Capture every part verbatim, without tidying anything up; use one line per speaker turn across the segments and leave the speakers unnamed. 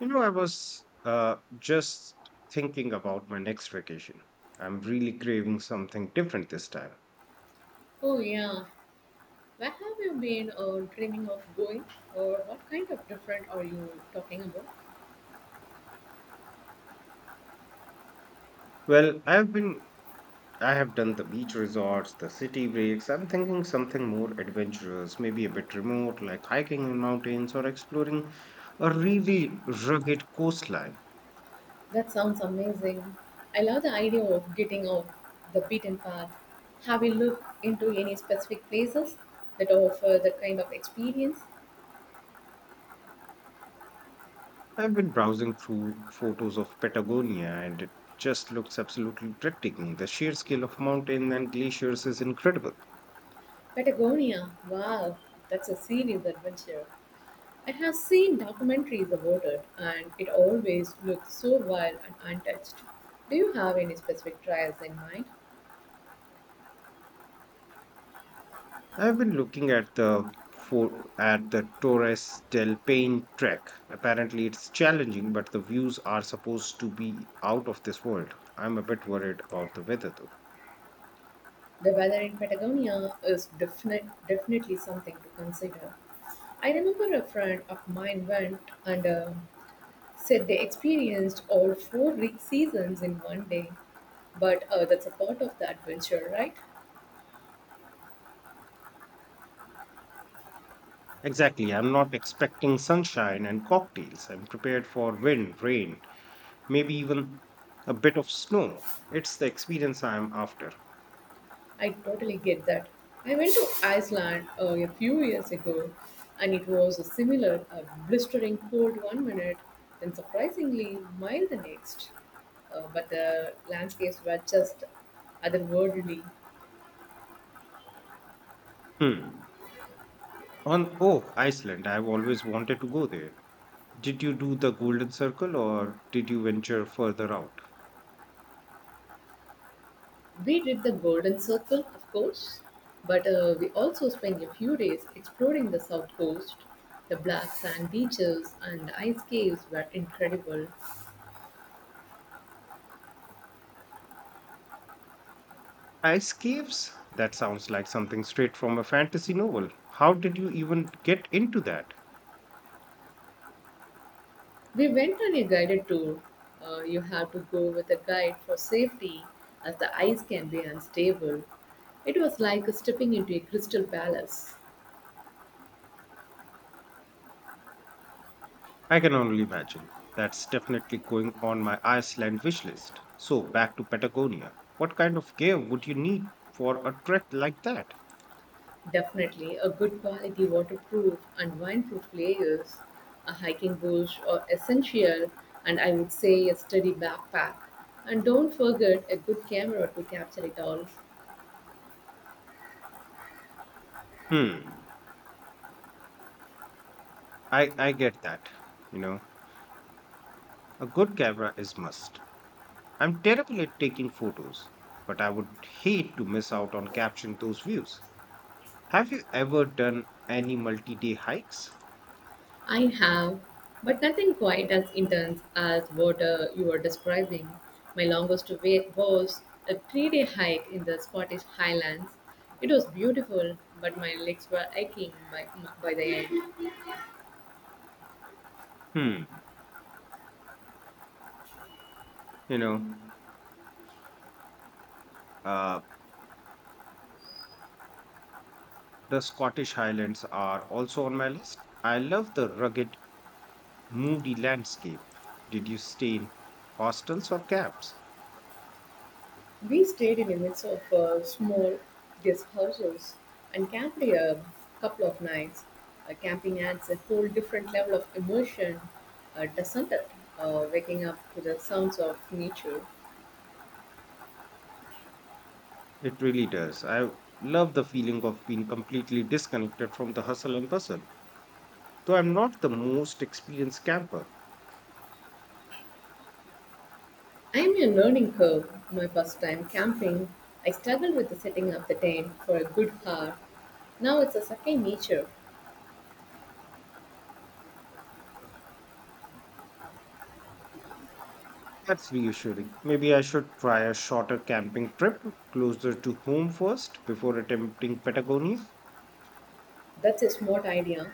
You know, I was uh, just thinking about my next vacation. I'm really craving something different this time.
Oh, yeah. Where have you been or dreaming of going? Or what kind of different are you talking about?
Well, I've been, I have done the beach resorts, the city breaks. I'm thinking something more adventurous, maybe a bit remote, like hiking in mountains or exploring a really rugged coastline.
That sounds amazing. I love the idea of getting off the beaten path. Have you looked into any specific places that offer that kind of experience?
I've been browsing through photos of Patagonia, and it just looks absolutely breathtaking. The sheer scale of mountain and glaciers is incredible.
Patagonia. Wow, that's a serious adventure. I have seen documentaries about it and it always looks so wild and untouched. Do you have any specific trials in mind?
I've been looking at the for at the Torres del Paine trek. Apparently, it's challenging, but the views are supposed to be out of this world. I'm a bit worried about the weather, though.
The weather in Patagonia is definite, definitely something to consider. I remember a friend of mine went and uh, said they experienced all four re- seasons in one day. But uh, that's a part of the adventure, right?
Exactly. I'm not expecting sunshine and cocktails. I'm prepared for wind, rain, maybe even a bit of snow. It's the experience I'm after.
I totally get that. I went to Iceland uh, a few years ago and it was a similar uh, blistering cold one minute and surprisingly mild the next. Uh, but the landscapes were just otherworldly.
Hmm. On oh, Iceland. I've always wanted to go there. Did you do the Golden Circle or did you venture further out?
We did the Golden Circle, of course, but uh, we also spent a few days exploring the south coast. The black sand beaches and the ice caves were incredible.
Ice caves? That sounds like something straight from a fantasy novel. How did you even get into that?
We went on a guided tour. Uh, you have to go with a guide for safety, as the ice can be unstable. It was like stepping into a crystal palace.
I can only imagine. That's definitely going on my Iceland wish list. So, back to Patagonia. What kind of cave would you need for a trek like that?
Definitely, a good quality waterproof and windproof layers, a hiking boots are essential, and I would say a sturdy backpack. And don't forget a good camera to capture it all.
Hmm, I, I get that. You know, a good camera is must. I'm terrible at taking photos, but I would hate to miss out on capturing those views. Have you ever done any multi-day hikes?
I have, but nothing quite as intense as what uh, you are describing. My longest wait was a three day hike in the Scottish Highlands. It was beautiful, but my legs were aching by, by the end.
Hmm. You know, uh, the Scottish Highlands are also on my list. I love the rugged, moody landscape. Did you stay in hostels or camps?
We stayed in a mess of uh, small guest houses and camped a couple of nights. Uh, camping adds a whole different level of immersion, uh, doesn't it? Uh, waking up to the sounds of nature.
It really does. I love the feeling of being completely disconnected from the hustle and bustle. Though I'm not the most experienced camper,
I'm a learning curve. My first time camping, I struggled with setting up the tent for a good hour. Now it's a second nature.
that's reassuring. Maybe I should try a shorter camping trip closer to home first before attempting Patagonia.
That's a smart idea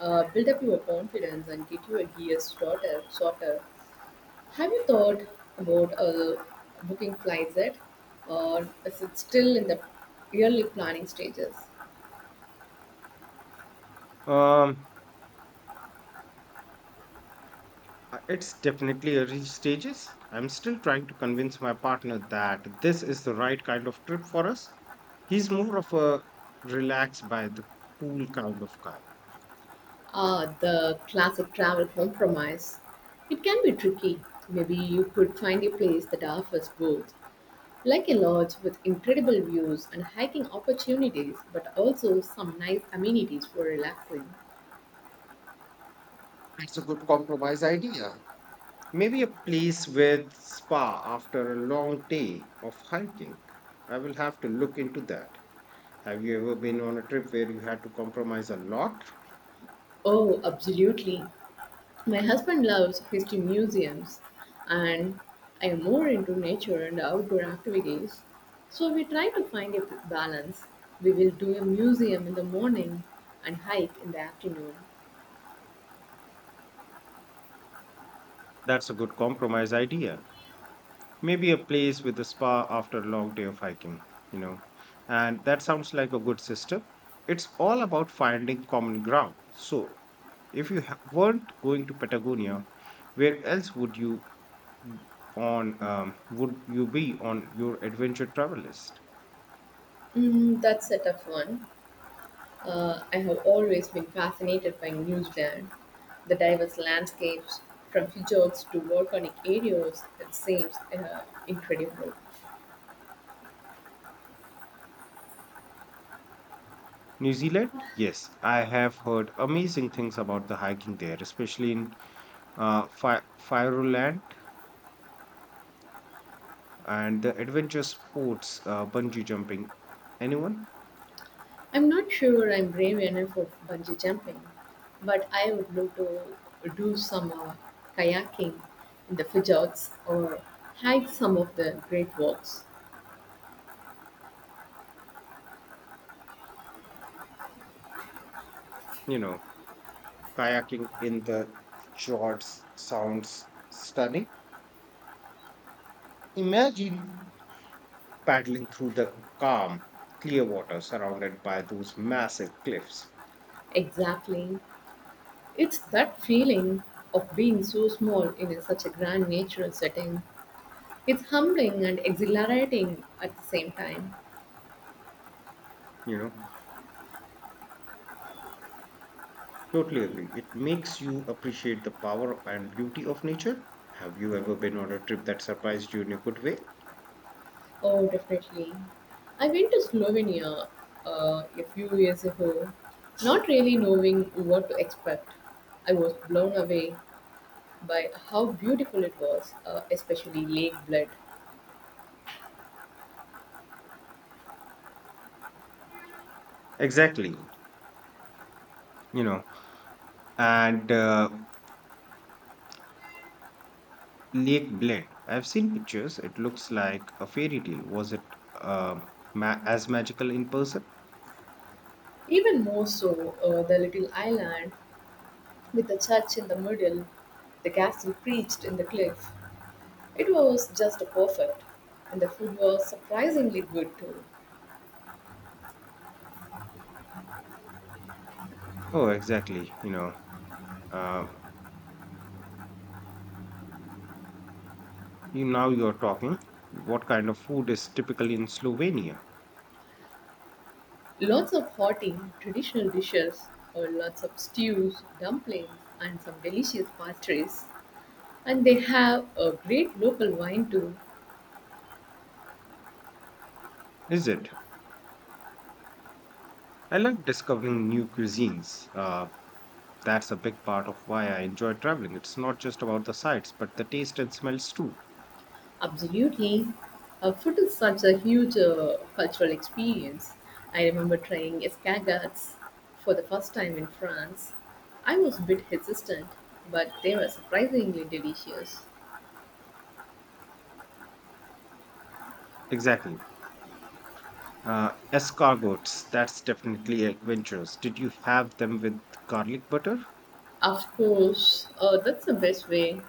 uh, build up your confidence and get your gears shorter, shorter. Have you thought about uh, booking flights yet? Or is it still in the early planning stages?
Um, Uh, It's definitely early stages. I'm still trying to convince my partner that this is the right kind of trip for us. He's more of a relaxed by the pool kind of guy.
Ah, the classic travel compromise. It can be tricky. Maybe you could find a place that offers both, like a lodge with incredible views and hiking opportunities, but also some nice amenities for relaxing.
It's a good compromise idea. Maybe a place with spa after a long day of hiking. I will have to look into that. Have you ever been on a trip where you had to compromise a lot?
Oh, absolutely. My husband loves history museums, and I am more into nature and outdoor activities. So we try to find a balance. We will do a museum in the morning and hike in the afternoon.
That's a good compromise idea. Maybe a place with a spa after a long day of hiking, you know. And that sounds like a good system. It's all about finding common ground. So, if you ha- weren't going to Patagonia, where else would you on um, would you be on your adventure travel list?
Mm, that's a tough one. Uh, I have always been fascinated by New Zealand. The diverse landscapes, from fjords to volcanic areas, it seems uh, incredible.
New Zealand? Yes, I have heard amazing things about the hiking there, especially in uh, Fi- Fireland and the adventure sports, uh, bungee jumping. Anyone?
I'm not sure I'm brave enough for bungee jumping, but I would love to do some uh, kayaking in the fjords or hike some of the great walks.
You know. Kayaking in the fjords sounds stunning. Imagine paddling through the calm, clear water surrounded by those massive cliffs.
Exactly. It's that feeling of being so small in a- such a grand natural setting. It's humbling and exhilarating at the same time.
You know, Totally agree. It makes you appreciate the power and beauty of nature. Have you ever been on a trip that surprised you in a good way?
Oh, definitely. I went to Slovenia uh, a few years ago, not really knowing what to expect. I was blown away by how beautiful it was, uh, especially Lake Bled.
Exactly. You know, and uh, Lake Bled. I've seen pictures. It looks like a fairy tale. Was it um ma- as magical in person?
Even more so, uh, the little island with the church in the middle, the castle perched in the cliff. It was just perfect, and the food was surprisingly good too.
Oh, exactly. You know, Uh, you, Now you're talking. What kind of food is typical in Slovenia?
Lots of hearty traditional dishes, or lots of stews, dumplings, and some delicious pastries. And they have a great local wine too.
Is it? I like discovering new cuisines. Uh, that's a big part of why I enjoy traveling. It's not just about the sights, but the taste and smells too.
Absolutely. Uh, food is such a huge uh, cultural experience. I remember trying escargots for the first time in France. I was a bit hesitant, but they were surprisingly delicious.
Exactly. Uh, escargots, that's definitely adventurous. Did you have them with garlic butter?
Of course, uh, that's the best way,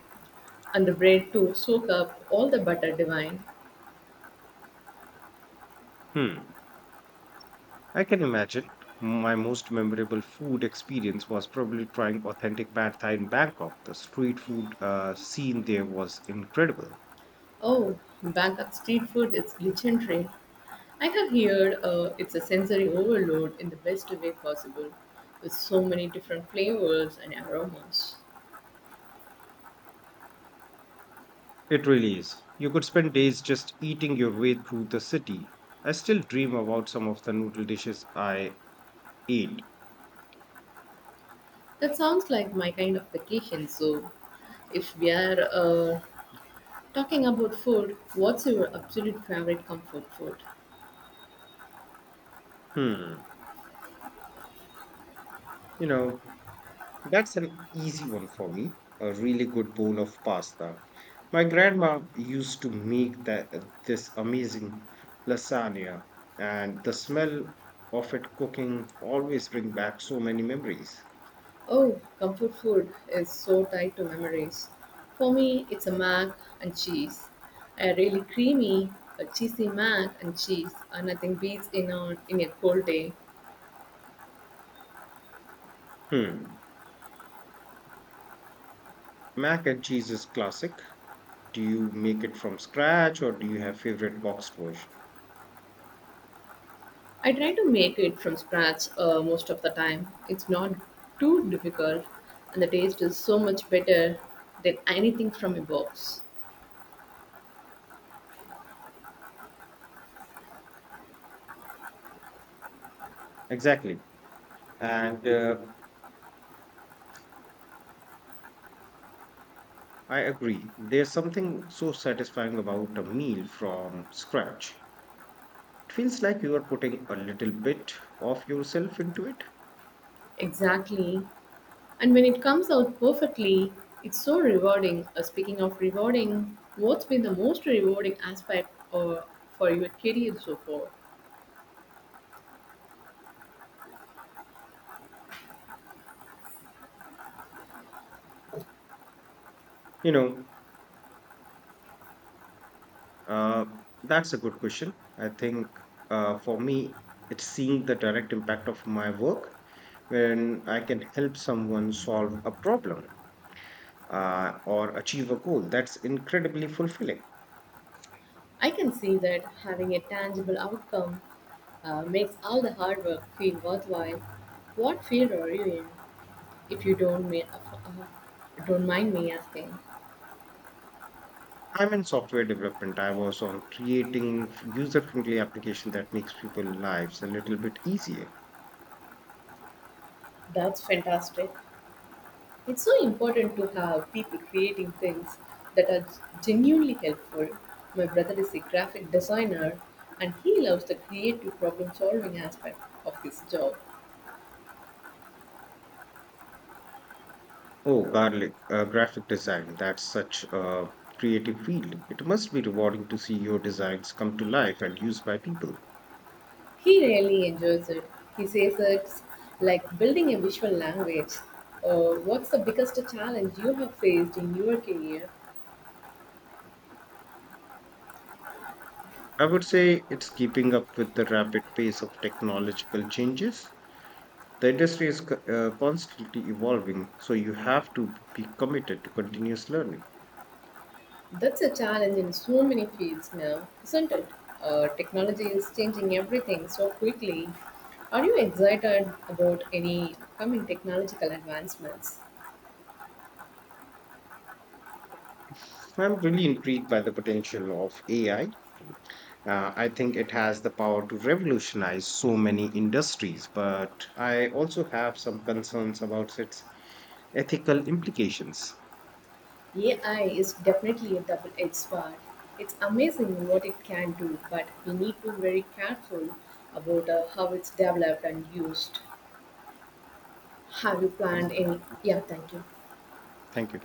and the bread to soak up all the butter divine.
Hmm. I can imagine. My most memorable food experience was probably trying authentic pad thai in Bangkok. The street food uh, scene there was incredible.
Oh, Bangkok street food is legendary. I have heard uh, it's a sensory overload in the best way possible, with so many different flavors and aromas.
It really is. You could spend days just eating your way through the city. I still dream about some of the noodle dishes I ate.
That sounds like my kind of vacation. So, if we are uh, talking about food, what's your absolute favorite comfort food?
Hmm. You know, that's an easy one for me. A really good bowl of pasta. My grandma used to make that this amazing lasagna, and the smell of it cooking always bring back so many memories.
Oh, comfort food is so tied to memories. For me, it's a mac and cheese. A really creamy, a cheesy mac and cheese, and nothing beats in on in a cold day.
Hmm. Mac and cheese is classic. Do you make it from scratch or do you have favorite boxed version?
I try to make it from scratch uh, most of the time. It's not too difficult, and the taste is so much better than anything from a box.
Exactly. And uh, I agree. There's something so satisfying about a meal from scratch. It feels like you are putting a little bit of yourself into it.
Exactly. And when it comes out perfectly, it's so rewarding. Uh, speaking of rewarding, what's been the most rewarding aspect or for your career so far?
You know, uh, that's a good question. I think uh, for me, it's seeing the direct impact of my work when I can help someone solve a problem uh, or achieve a goal. That's incredibly fulfilling.
I can see that having a tangible outcome uh, makes all the hard work feel worthwhile. What field are you in? If you don't, ma- uh, uh, don't mind me asking,
I'm in software development. I was on creating user friendly application that makes people lives a little bit easier.
that's fantastic. It's so important to have people creating things that are genuinely helpful. My brother is a graphic designer and he loves the creative problem solving aspect of his job.
Oh, garlic, uh, graphic design. That's such a creative field. It must be rewarding to see your designs come to life and used by people.
He really enjoys it. He says it's like building a visual language. Uh, what's the biggest challenge you have faced in your career?
I would say it's keeping up with the rapid pace of technological changes. The industry is co- uh, constantly evolving, so you have to be committed to continuous learning.
That's a challenge in so many fields now, isn't it? Uh, technology is changing everything so quickly. Are you excited about any upcoming technological advancements?
I'm really intrigued by the potential of A I. Uh, I think it has the power to revolutionize so many industries, but I also have some concerns about its ethical implications.
A I is definitely a double edged sword. It's amazing what it can do, but we need to be very careful about uh, how it's developed and used. Have you
Thank
planned any?
you.
Yeah, thank you.
Thank you.